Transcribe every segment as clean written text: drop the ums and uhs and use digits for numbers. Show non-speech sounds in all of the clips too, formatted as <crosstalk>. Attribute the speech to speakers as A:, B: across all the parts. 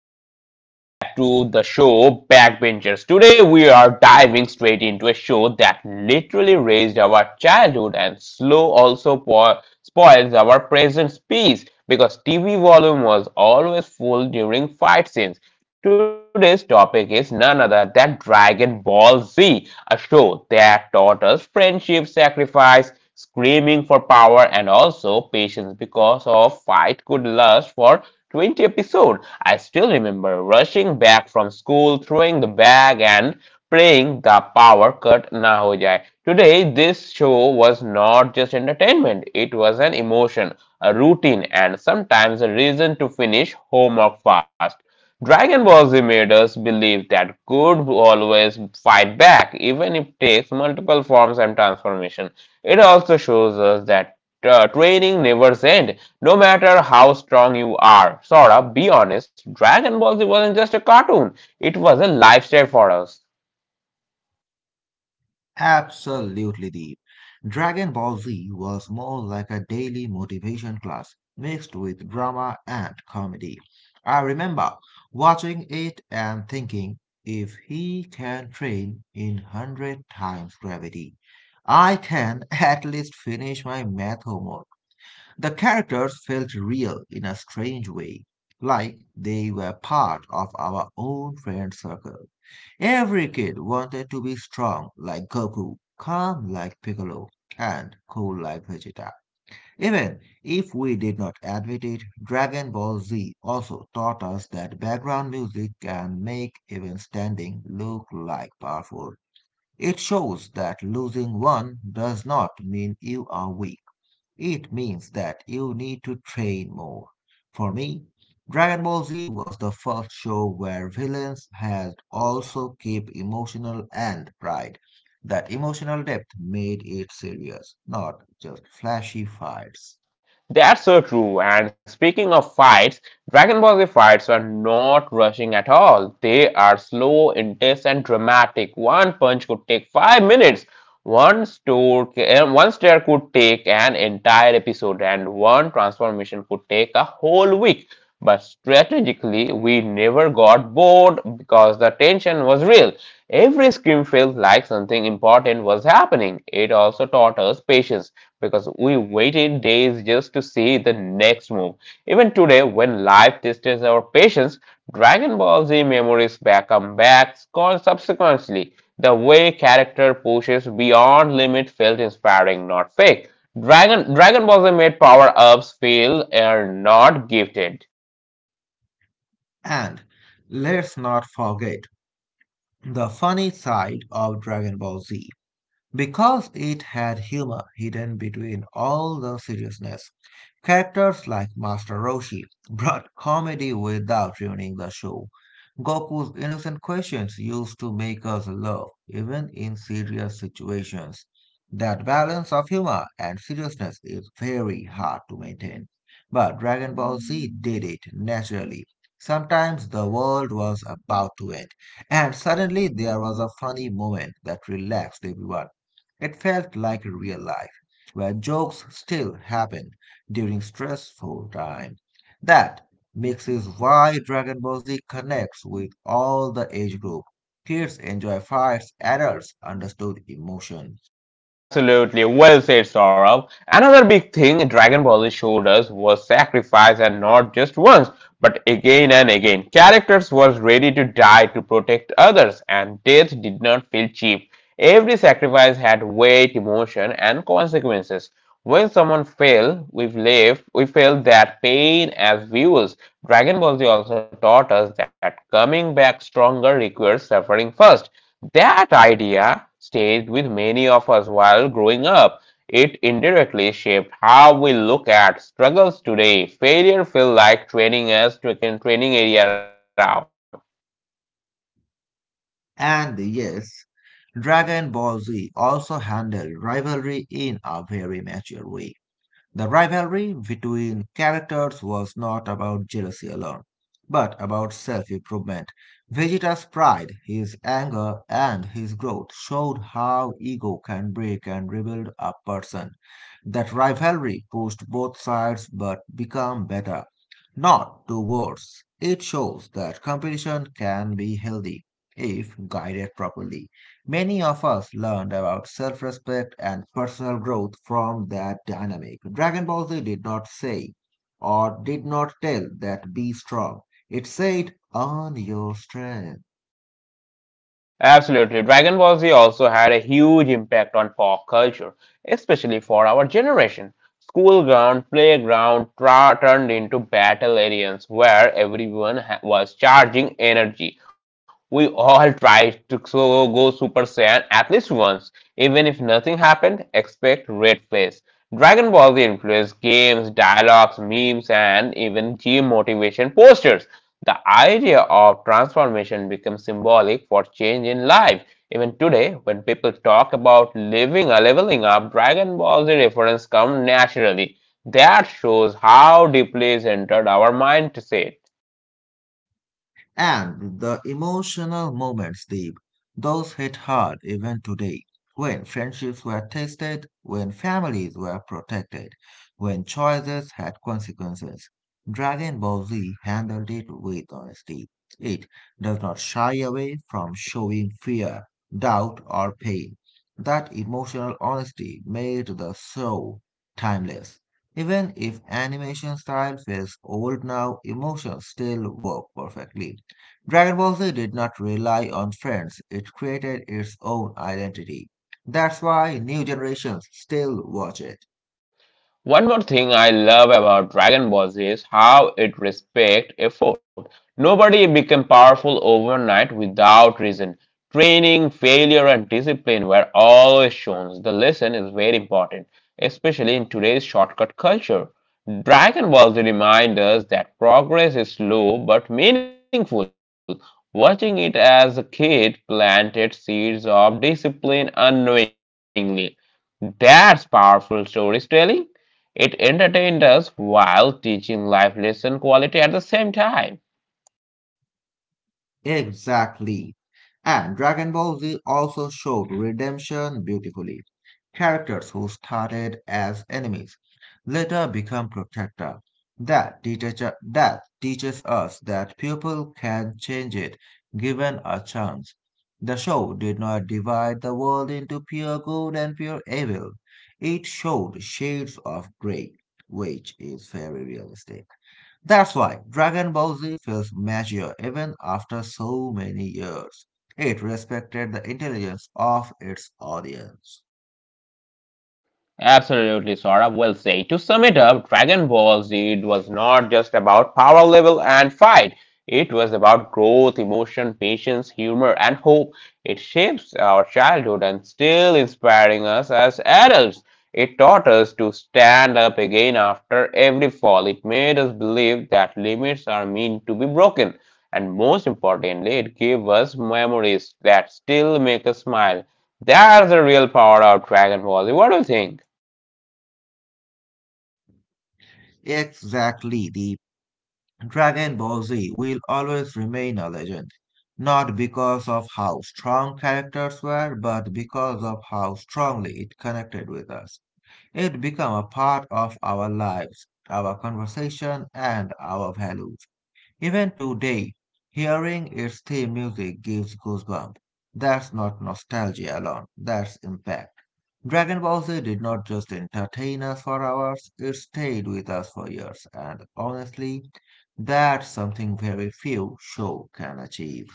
A: everyone. Welcome back to the show Backbenchers. Today, we are diving straight into a show that literally raised our childhood and slow also spoils our present peace because TV volume was always full during fight scenes. Today's topic is none other than Dragon Ball Z, a show that taught us friendship, sacrifice, screaming for power, and also patience because of fight could last for 20 episodes. I still remember rushing back from school, throwing the bag, and praying the power cut na ho jaye. Today, this show was not just entertainment, it was an emotion, a routine, and sometimes a reason to finish homework fast. Dragon Ball Z made us believe that good will always fight back, even if it takes multiple forms and transformation. It also shows us that training never ends. No matter how strong you are, Sora, be honest, Dragon Ball Z wasn't just a cartoon, it was a lifestyle for us.
B: Absolutely, Deep. Dragon Ball Z was more like a daily motivation class mixed with drama and comedy. I remember watching it and thinking, if he can train in 100 times gravity, I can <laughs> at least finish my math homework. The characters felt real in a strange way, like they were part of our own friend circle. Every kid wanted to be strong like Goku, calm like Piccolo, and cool like Vegeta. Even if we did not admit it, Dragon Ball Z also taught us that background music can make even standing look like powerful. It shows that losing one does not mean you are weak. It means that you need to train more. For me, Dragon Ball Z was the first show where villains had also keep emotional and pride. That emotional depth made it serious, not just flashy fights.
A: That's so true. And speaking of fights, Dragon Ball Z fights are not rushing at all. They are slow, intense, and dramatic. One punch could take 5 minutes. One stare could take an entire episode, and one transformation could take a whole week. But strategically, we never got bored because the tension was real. Every scream felt like something important was happening. It also taught us patience because we waited days just to see the next move. Even today, when life tests our patience, Dragon Ball Z memories back come back subsequently. The way character pushes beyond limit felt inspiring, not fake. Dragon Ball Z made power ups feel are not gifted.
B: And let's not forget the funny side of Dragon Ball Z, because it had humor hidden between all the seriousness. Characters like Master Roshi brought comedy without ruining the show. Goku's innocent questions used to make us laugh, even in serious situations. That balance of humor and seriousness is very hard to maintain. But Dragon Ball Z did it naturally. Sometimes the world was about to end, and suddenly there was a funny moment that relaxed everyone. It felt like real life, where jokes still happen during stressful times. That mix is why Dragon Ball Z connects with all the age group. Kids enjoy fights, adults understood emotion.
A: Absolutely, well said, Saurabh. Another big thing Dragon Ball Z showed us was sacrifice, and not just once, but again and again. Characters was ready to die to protect others, and death did not feel cheap. Every sacrifice had weight, emotion, and consequences. When someone fell, we felt that pain as viewers. Dragon Ball Z also taught us that coming back stronger requires suffering first. That idea stayed with many of us while growing up. It indirectly shaped how we look at struggles today. Failure feels like training us to a training area out.
B: And yes, Dragon Ball Z also handled rivalry in a very mature way. The rivalry between characters was not about jealousy alone, but about self improvement. Vegeta's pride, his anger, and his growth showed how ego can break and rebuild a person. That rivalry pushed both sides but become better, not to worse. It shows that competition can be healthy if guided properly. Many of us learned about self respect and personal growth from that dynamic. Dragon Ball Z did not say or did not tell that be strong, it said, earn your strength.
A: Absolutely. Dragon Ball Z also had a huge impact on pop culture, especially for our generation. School ground, playground turned into battle areas where everyone was charging energy. We all <laughs> tried to so go Super Saiyan at least once. Even if nothing happened, expect red face. Dragon Ball Z influenced games, dialogues, memes, and even gym motivation posters. The idea of transformation becomes symbolic for change in life. Even today, when people talk about living or leveling up, Dragon Ball Z reference come naturally. That shows how deeply is entered our mindset.
B: And the emotional moments, Deep, those hit hard even today, when friendships were tested, when families were protected, when choices had consequences. Dragon Ball Z handled it with honesty. It does not shy away from showing fear, doubt, or pain. That emotional honesty made the show timeless. Even if animation style feels old now, emotions still work perfectly. Dragon Ball Z did not rely on friends, it created its own identity. That's why new generations still watch it.
A: One more thing I love about Dragon Ball is how it respects effort. Nobody became powerful overnight without reason. Training, failure, and discipline were always shown. The lesson is very important, especially in today's shortcut culture. Dragon Ball Z reminds us that progress is slow but meaningful. Watching it as a kid planted seeds of discipline unknowingly. That's powerful storytelling. It entertained us while teaching life lesson quality at the same time.
B: Exactly. And Dragon Ball Z also showed redemption beautifully. Characters who started as enemies later become protector. That teaches us that people can change it given a chance. The show did not divide the world into pure good and pure evil. It showed shades of gray, which is very realistic. That's why Dragon Ball Z feels mature even after so many years. It respected the intelligence of its audience.
A: Absolutely, Sora. Well said. To sum it up, Dragon Ball Z was not just about power level and fight. It was about growth, emotion, patience, humor, and hope. It shapes our childhood and still inspiring us as adults. It taught us to stand up again after every fall. It made us believe that limits are meant to be broken. And most importantly, it gave us memories that still make us smile. That's the real power of Dragon Ball Z. What do you think?
B: Exactly, the Dragon Ball Z will always remain a legend, not because of how strong characters were, but because of how strongly it connected with us. It became a part of our lives, our conversation, and our values. Even today, hearing its theme music gives goosebumps. That's not nostalgia alone, that's impact. Dragon Ball Z did not just entertain us for hours, it stayed with us for years, and honestly, that's something very few shows can achieve.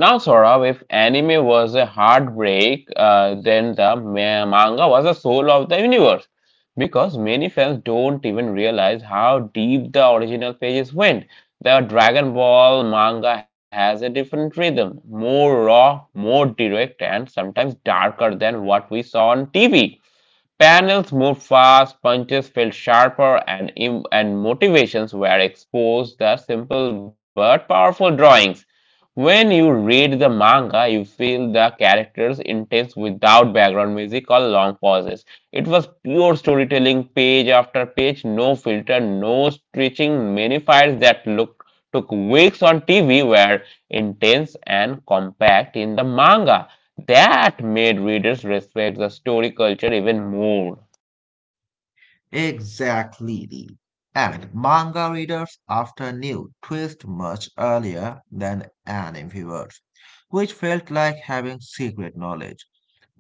A: Now, Saurabh, if anime was a heartbreak, then the manga was the soul of the universe. Because many fans don't even realize how deep the original pages went. The Dragon Ball manga has a different rhythm, more raw, more direct, and sometimes darker than what we saw on TV. Panels moved fast, punches felt sharper, and motivations were exposed the simple but powerful drawings. When you read the manga, you feel the characters' intense without background music or long pauses. It was pure storytelling, page after page, no filter, no stretching. Many fights that looked took weeks on TV were intense and compact in the manga. That made readers respect the story culture even more.
B: Exactly, Lee. And manga readers often knew twist much earlier than anime viewers, which felt like having secret knowledge.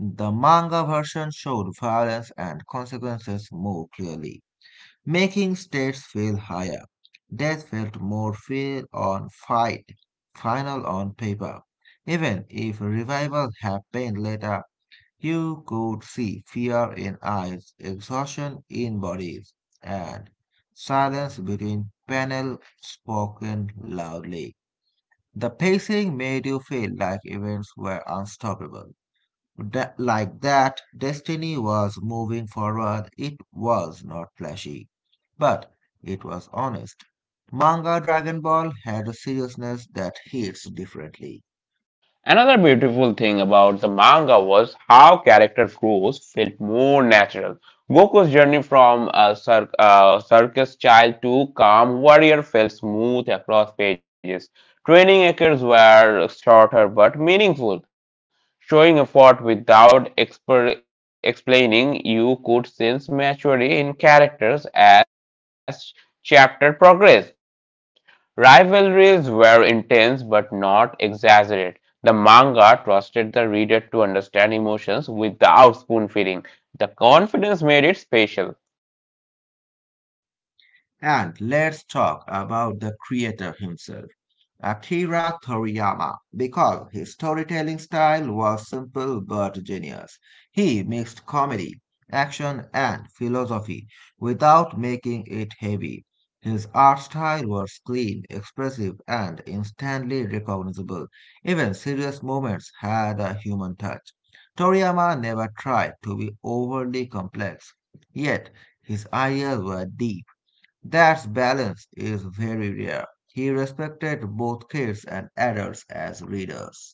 B: The manga version showed violence and consequences more clearly, making stakes feel higher. Death felt more feel on fight, final on paper. Even if revival happened later, you could see fear in eyes, exhaustion in bodies, and silence between panels spoken loudly. The pacing made you feel like events were unstoppable that, like that, destiny was moving forward. It was not flashy, but it was honest. Manga Dragon Ball had a seriousness that hits differently.
A: Another beautiful thing about the manga was how character growth felt more natural. Goku's journey from a circus child to calm warrior felt smooth across pages. Training acres were shorter but meaningful, showing effort without explaining. You could sense maturity in characters as chapter progressed. Rivalries were intense but not exaggerated. The manga trusted the reader to understand emotions without spoon feeding. The confidence made it special.
B: And let's talk about the creator himself, Akira Toriyama, because his storytelling style was simple but genius. He mixed comedy, action, and philosophy without making it heavy. His art style was clean, expressive, and instantly recognizable. Even serious moments had a human touch. Toriyama never tried to be overly complex, yet his ideas were deep that balance is very rare. He respected both kids and adults as readers.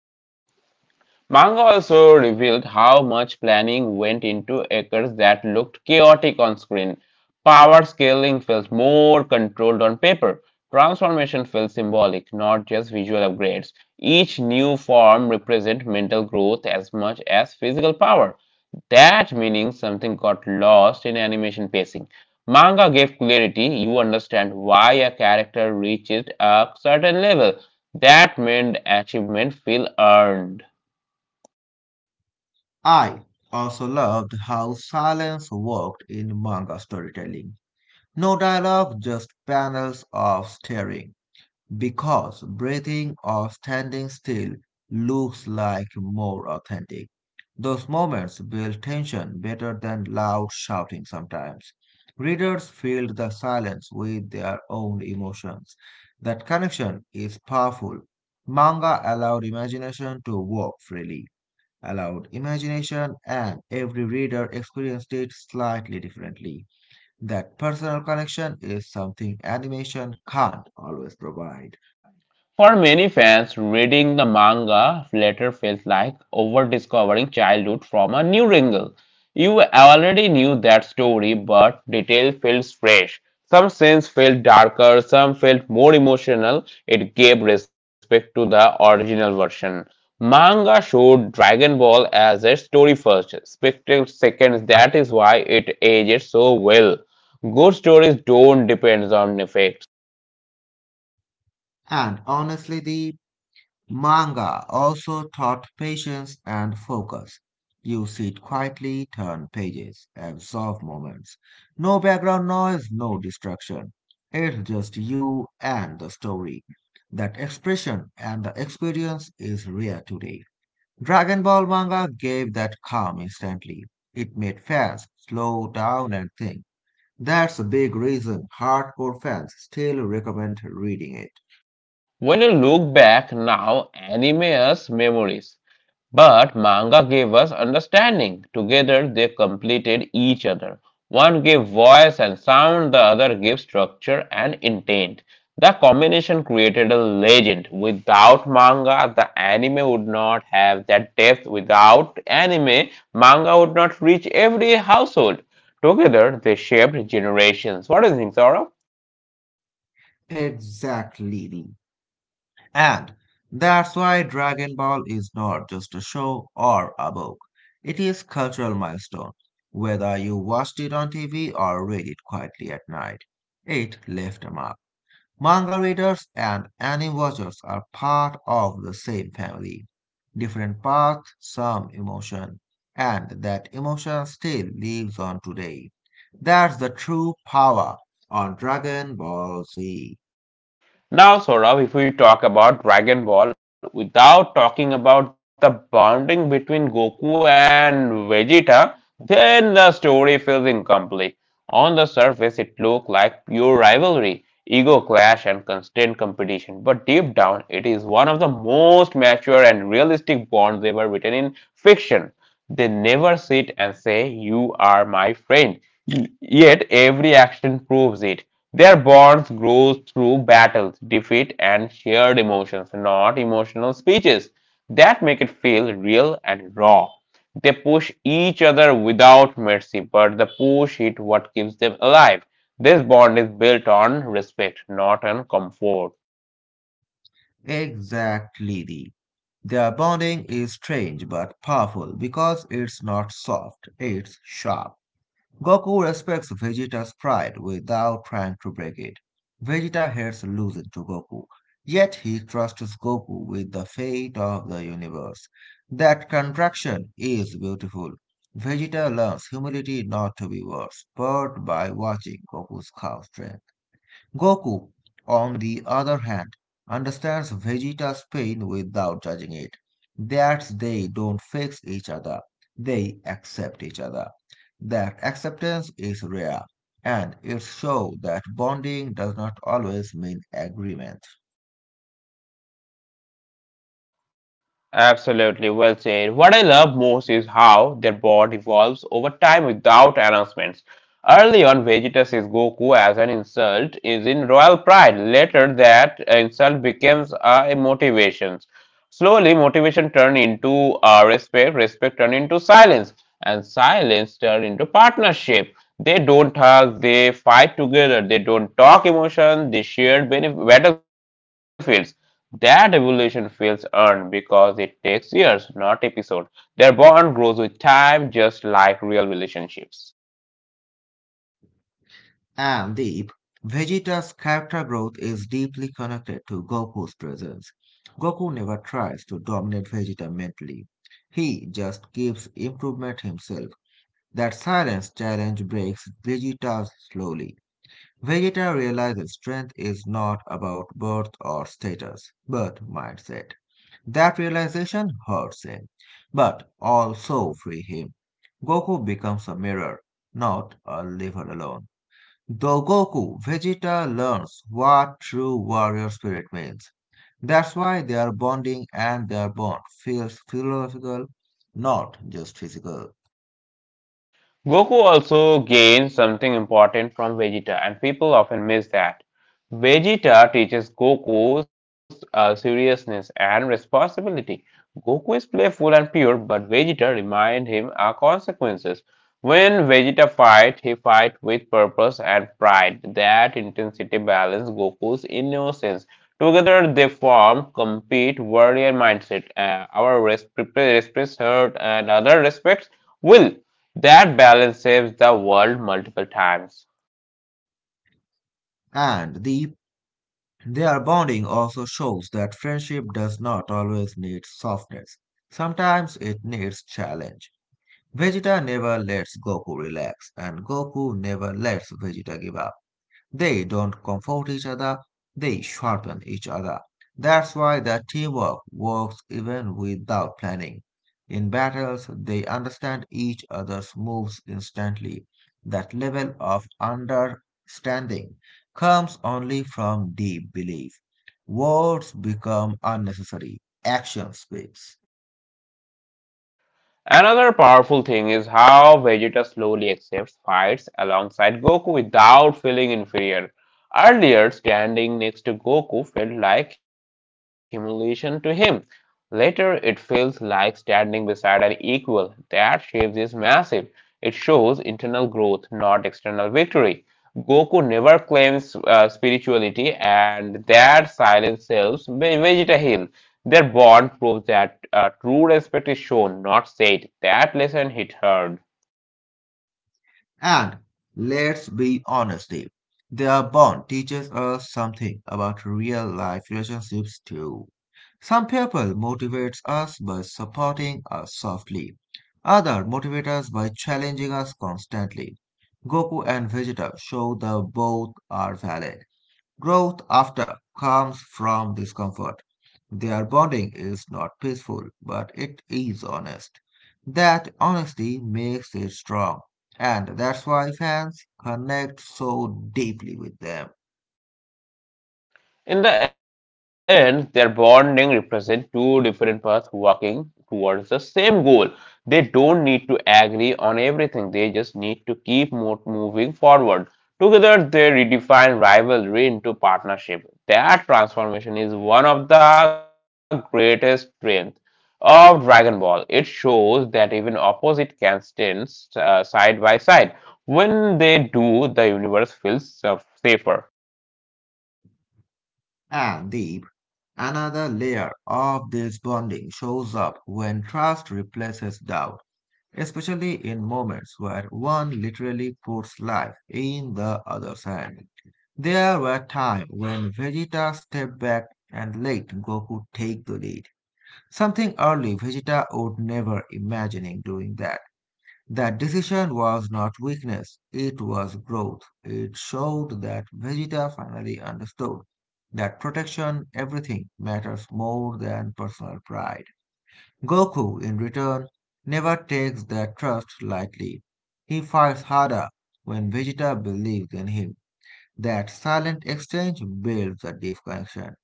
A: Manga also revealed how much planning went into acres that looked chaotic on screen. Power scaling felt more controlled on paper. Transformation felt symbolic, not just visual upgrades. Each new form represented mental growth as much as physical power. That meaning something got lost in animation pacing. Manga gave clarity, you understand why a character reaches a certain level. That made achievement feel earned.
B: I also loved how silence worked in manga storytelling. No dialogue, just panels of staring, because breathing or standing still looks like more authentic. Those moments build tension better than loud shouting sometimes. Readers filled the silence with their own emotions. That connection is powerful. Manga allowed imagination to work freely, allowed imagination, and every reader experienced it slightly differently. That personal connection is something animation can't always provide.
A: For many fans, reading the manga later felt like over-discovering childhood from a new wrinkle. You already knew that story, but detail feels fresh. Some scenes felt darker, some felt more emotional. It gave respect to the original version. Manga showed Dragon Ball as a story first, spectacle second. That is why it ages so well. Good stories don't depend on effects.
B: And honestly, the manga also taught patience and focus. You sit quietly, turn pages, absorb moments. No background noise, no distraction. It's just you and the story. That expression and the experience is rare today. Dragon Ball manga gave that calm instantly. It made fans slow down and think. That's a big reason hardcore fans still recommend reading it.
A: When you look back now, anime us memories, but manga gave us understanding. Together they completed each other. One gave voice and sound, the other gave structure and intent. The combination created a legend. Without manga, the anime would not have that depth. Without anime, manga would not reach every household. Together, they shaped generations. What do you think, Saurabh?
B: Exactly. And that's why Dragon Ball is not just a show or a book. It is cultural milestone. Whether you watched it on TV or read it quietly at night, it left a mark. Manga readers and anime watchers are part of the same family. Different path, some emotion, and that emotion still lives on today. That's the true power on Dragon Ball Z.
A: Now, Saurabh, if we talk about Dragon Ball without talking about the bonding between Goku and Vegeta, then the story feels incomplete. On the surface, it looks like pure rivalry, ego clash, and constant competition. But deep down, it is one of the most mature and realistic bonds ever written in fiction. They never sit and say, "You are my friend." Yet, every action proves it. Their bonds grow through battles, defeat, and shared emotions, not emotional speeches that make it feel real and raw. They push each other without mercy, but the push is what keeps them alive. This bond is built on respect, not on comfort.
B: Exactly. The. Their bonding is strange but powerful because it's not soft, it's sharp. Goku respects Vegeta's pride without trying to break it. Vegeta hates losing to Goku, yet he trusts Goku with the fate of the universe. That contraction is beautiful. Vegeta learns humility not to be worse, but by watching Goku's cow strength. Goku, on the other hand, understands Vegeta's pain without judging it. That they don't fix each other, they accept each other. That acceptance is rare, and it shows that bonding does not always mean agreement.
A: Absolutely, well said. What I love most is how their bond evolves over time without announcements. Early on, Vegeta sees Goku as an insult is in royal pride. Later, that insult becomes a motivation. Slowly, motivation turned into respect, respect turned into silence, and silence turned into partnership. They don't hug, they fight together, they don't talk emotion, they share battlefields that evolution feels earned because it takes years, not episodes. Their bond grows with time, just like real relationships.
B: And Deep, Vegeta's character growth is deeply connected to Goku's presence. Goku never tries to dominate Vegeta mentally. He just keeps improvement himself. That silence challenge breaks Vegeta slowly. Vegeta realizes strength is not about birth or status, but mindset. That realization hurts him, but also frees him. Goku becomes a mirror, not a liver alone. Though Goku, Vegeta learns what true warrior spirit means. That's why their bonding and their bond feels philosophical, not just physical.
A: Goku also gains something important from Vegeta, and people often miss that. Vegeta teaches Goku seriousness and responsibility. Goku is playful and pure, but Vegeta reminds him of consequences. When Vegeta fight, he fight with purpose and pride. That intensity balance Goku's innocence. Together, they form complete warrior mindset. Respects hurt, and other respects will. That balance saves the world multiple times.
B: And their bonding also shows that friendship does not always need softness. Sometimes it needs challenge. Vegeta never lets Goku relax, and Goku never lets Vegeta give up. They don't comfort each other, they sharpen each other. That's why the teamwork works even without planning. In battles, they understand each other's moves instantly. That level of understanding comes only from deep belief. Words become unnecessary, action speaks.
A: Another powerful thing is how Vegeta slowly accepts fights alongside Goku without feeling inferior. Earlier, standing next to Goku felt like humiliation to him. Later, it feels like standing beside an equal. That shift is massive. It shows internal growth, not external victory. Goku never claims spirituality, and that silence helps Vegeta heal. Their bond proves that true respect is shown, not said. That lesson hit hard.
B: And let's be honest, Dave, their bond teaches us something about real life relationships too. Some people motivate us by supporting us softly. Others motivate us by challenging us constantly. Goku and Vegeta show that both are valid. Growth after comes from discomfort. Their bonding is not peaceful, but it is honest. That honesty makes it strong, and that's why fans connect so deeply with them.
A: In the end, their bonding represents two different paths walking towards the same goal. They don't need to agree on everything, they just need to keep moving forward. Together, they redefine rivalry into partnership. That transformation is one of the greatest strengths of Dragon Ball. It shows that even opposite can stand side by side. When they do, the universe feels safer.
B: And Deep, another layer of this bonding shows up when trust replaces doubt, especially in moments where one literally puts life in the other's hand. There were times when Vegeta stepped back and let Goku take the lead. Something early Vegeta would never imagining doing that. That decision was not weakness, it was growth. It showed that Vegeta finally understood that protection, everything matters more than personal pride. Goku, in return, never takes that trust lightly. He fights harder when Vegeta believes in him. That silent exchange builds a deep connection.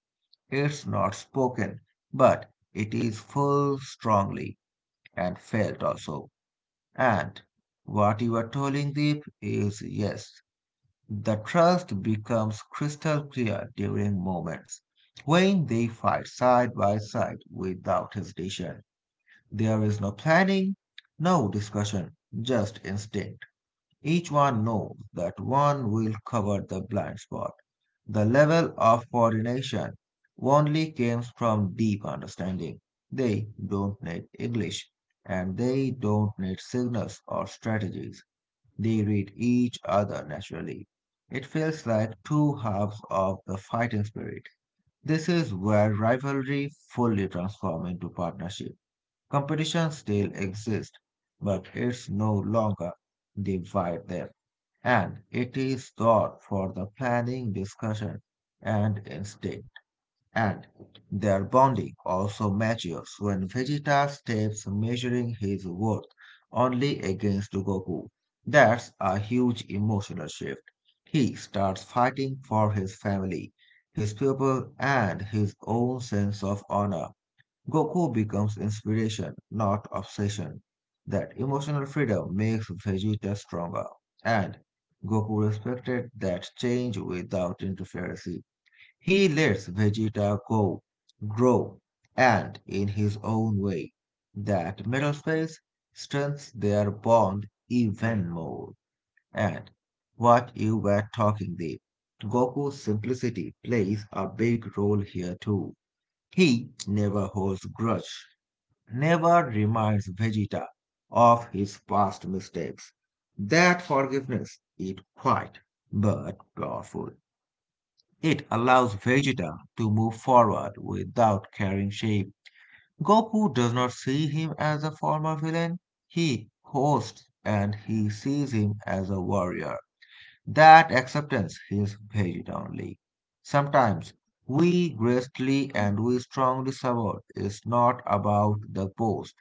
B: It's not spoken, but it is felt strongly and felt also. And what you are telling Deep is yes, the trust becomes crystal clear during moments when they fight side by side without hesitation. There is no planning, no discussion, just instinct. Each one knows that one will cover the blind spot the level of coordination only comes from deep understanding. They don't need English, and they don't need signals or strategies. They read each other naturally. It feels like two halves of the fighting spirit. This is where rivalry fully transforms into partnership. Competition still exists, but it's no longer divide them and it is God for the planning, discussion, and instinct. And their bonding also matures when Vegeta steps measuring his worth only against Goku. That's a huge emotional shift. He starts fighting for his family, his people, and his own sense of honor. Goku becomes inspiration, not obsession. That emotional freedom makes Vegeta stronger, and Goku respected that change without interference. He lets Vegeta go, grow, and in his own way. That middle space strengthens their bond even more. And what you were talking the Goku's simplicity plays a big role here too. He never holds grudge, never reminds Vegeta of his past mistakes. That forgiveness is quiet but powerful. It allows Vegeta to move forward without carrying shame. Goku does not see him as a former villain, he hosts and he sees him as a warrior. That acceptance is Vegeta only. Sometimes we greatly and we strongly support is not about the post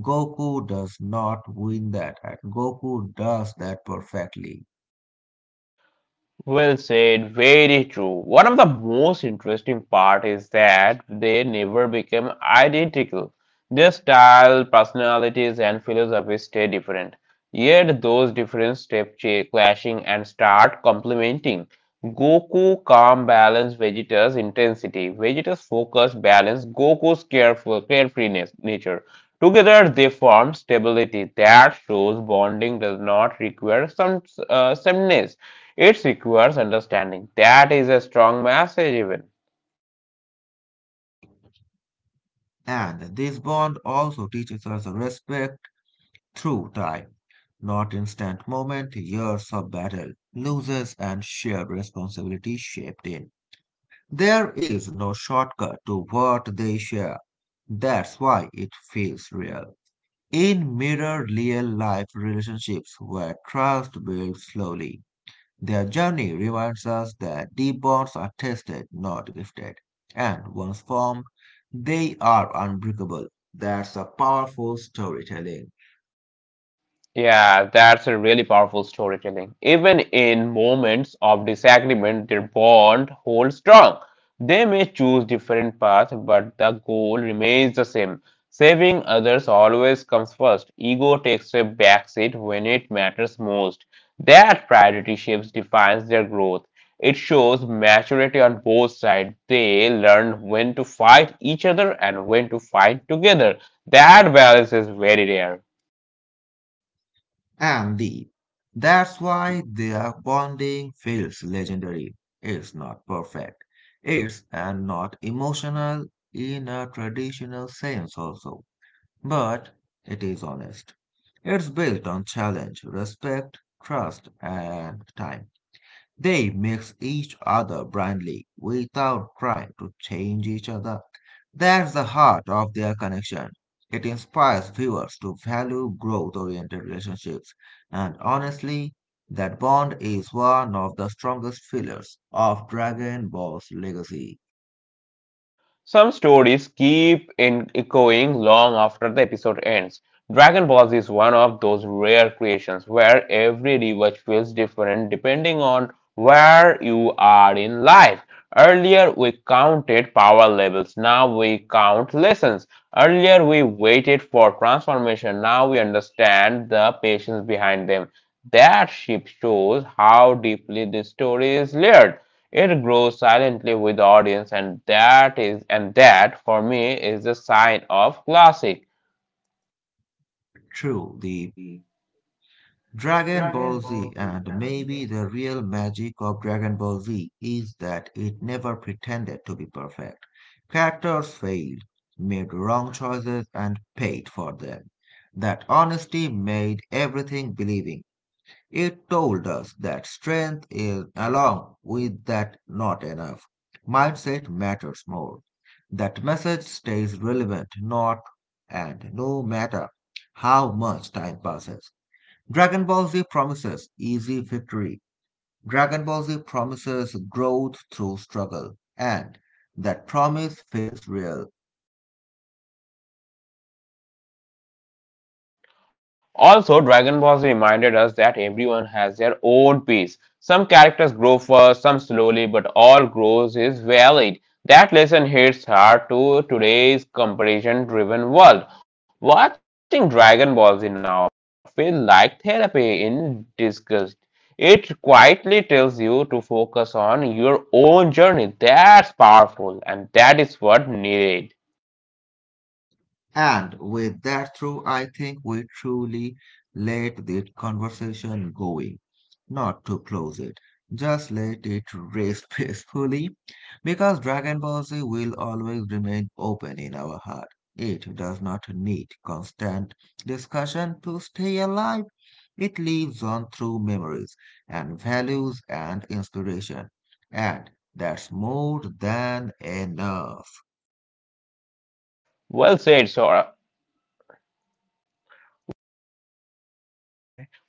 B: Goku does not win that, and Goku does that perfectly.
A: Well said, very true. One of the most interesting part is that they never became identical. Their style, personalities, and philosophies stay different. Yet those different step clashing and start complementing. Goku calm balance Vegeta's intensity. Vegeta's focus balance Goku's careful carefreeness nature. Together they form stability that shows bonding does not require some sameness it requires understanding. That is a strong message, even.
B: And this bond also teaches us respect through time, not instant moment, years of battle, losses, and shared responsibility shaped in. There is no shortcut to what they share. That's why it feels real. In mirror real life relationships where trust builds slowly, their journey reminds us that deep bonds are tested, not gifted, and once formed, they are unbreakable. That's a powerful storytelling.
A: Yeah, that's a really powerful storytelling. Even in moments of disagreement, their bond holds strong. They may choose different paths, but the goal remains the same. Saving others always comes first. Ego takes a backseat when it matters most. That priority shapes defines their growth. It shows maturity on both sides. They learn when to fight each other and when to fight together. That balance is very rare.
B: And deep. That's why their bonding feels legendary. It's not perfect. It's and not emotional in a traditional sense also. But it is honest. It's built on challenge, respect, trust, and time. They mix each other blindly without trying to change each other. That's the heart of their connection. It inspires viewers to value growth oriented relationships, and honestly, that bond is one of the strongest pillars of Dragon Ball's legacy.
A: Some stories keep in echoing long after the episode ends. Dragon Balls is one of those rare creations where every rewatch feels different depending on where you are in life. Earlier we counted power levels, now we count lessons. Earlier we waited for transformation, now we understand the patience behind them. That shift shows how deeply this story is layered. It grows silently with the audience, and that for me is a sign of classic.
B: True, the Dragon Ball Z, and maybe the real magic of Dragon Ball Z is that it never pretended to be perfect. Characters failed, made wrong choices, and paid for them. That honesty made everything believing. It told us that strength is along with that not enough. Mindset matters more. That message stays relevant not and no matter how much time passes. Dragon Ball Z promises easy victory. Dragon Ball Z promises growth through struggle, and that promise feels real.
A: Also, Dragon Ball Z reminded us that everyone has their own pace. Some characters grow fast, some slowly, but all growth is valid. That lesson hits hard to today's comparison driven world. Watching Dragon Ball Z now feels like therapy in disgust. It quietly tells you to focus on your own journey. That's powerful, and that is what needed.
B: And with that through, I think we truly let the conversation going, not to close it, just let it rest <laughs> peacefully, because Dragon Ball Z will always remain open in our heart. It does not need constant discussion to stay alive. It lives on through memories and values and inspiration, and that's more than enough.
A: Well said, Sora.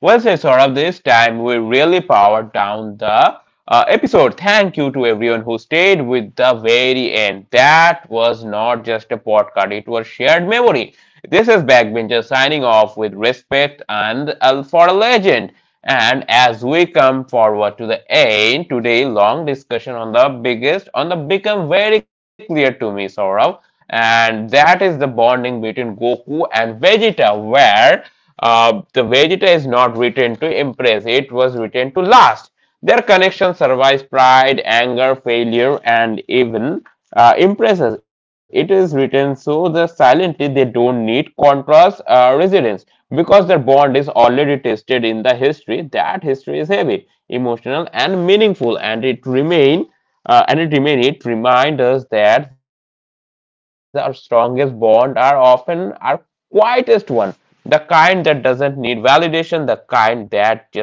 A: Well said, Saurabh. This time we really powered down the episode. Thank you to everyone who stayed with the very end. That was not just a podcast, it was shared memory. This is Backbencher signing off with respect and for a legend. And as we come forward to the end, today long discussion on the biggest on the become very clear to me, Saurabh. And that is the bonding between Goku and Vegeta, where the Vegeta is not written to impress, it was written to last. Their connection survives pride, anger, failure, and even impresses. It is written so that silently they don't need contrast resilience, because their bond is already tested in the history. That history is heavy, emotional, and meaningful, and it reminds us that our strongest bond are often our quietest one, the kind that doesn't need validation, the kind that just exists.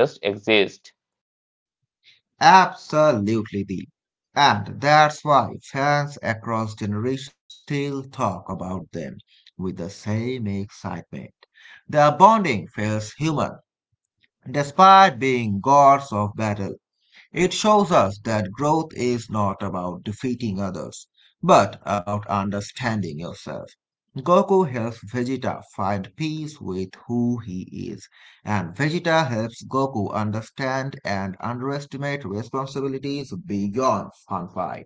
B: Absolutely deep. And that's why fans across generations still talk about them with the same excitement. Their bonding feels human, despite being gods of battle. It shows us that growth is not about defeating others, but about understanding yourself. Goku helps Vegeta find peace with who he is, and Vegeta helps Goku understand and underestimate responsibilities beyond fun fight.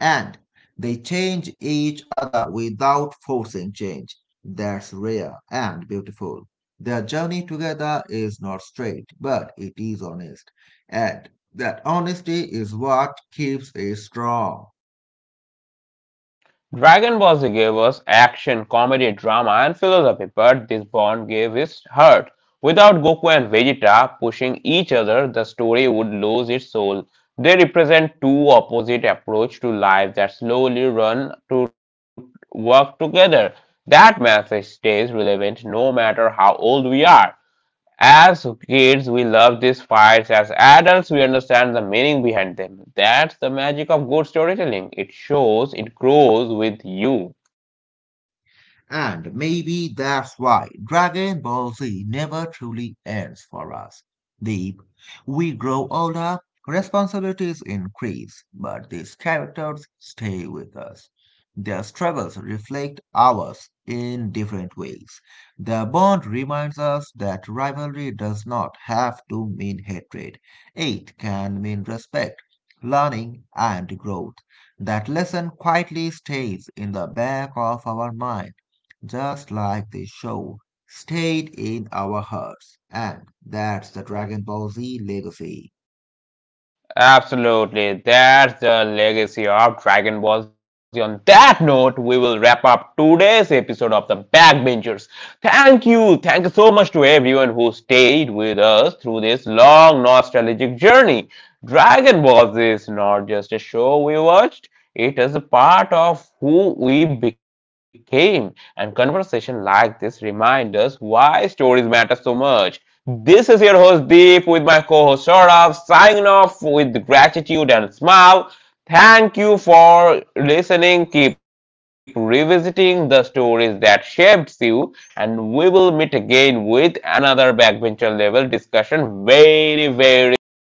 B: And they change each other without forcing change. That's rare and beautiful. Their journey together is not straight, but it is honest. And that honesty is what keeps it strong.
A: Dragon Ball Z gave us action, comedy, drama, and philosophy, but this Bond gave us heart. Without Goku and Vegeta pushing each other, the story would lose its soul. They represent two opposite approaches to life that slowly run to work together. That message stays relevant no matter how old we are. As kids, we love these fights. As adults, we understand the meaning behind them. That's the magic of good storytelling. It shows, it grows with you.
B: And maybe that's why Dragon Ball Z never truly ends for us. Deep, we grow older, responsibilities increase, but these characters stay with us. Their struggles reflect ours in different ways. The bond reminds us that rivalry does not have to mean hatred. It can mean respect, learning, and growth. That lesson quietly stays in the back of our mind just like the show, stayed in our hearts, and that's the Dragon Ball Z legacy.
A: Absolutely, that's the legacy of Dragon Ball Z. On that note, we will wrap up today's episode of The Backbenchers. Thank you. Thank you so much to everyone who stayed with us through this long nostalgic journey. Dragon Ball Z is not just a show we watched, it is a part of who we became. And conversation like this remind us why stories matter so much. This is your host Deep with my co-host Saurabh signing off with gratitude and smile. Thank you for listening. Keep revisiting the stories that shaped you, and we will meet again with another backbencher level discussion very, very soon.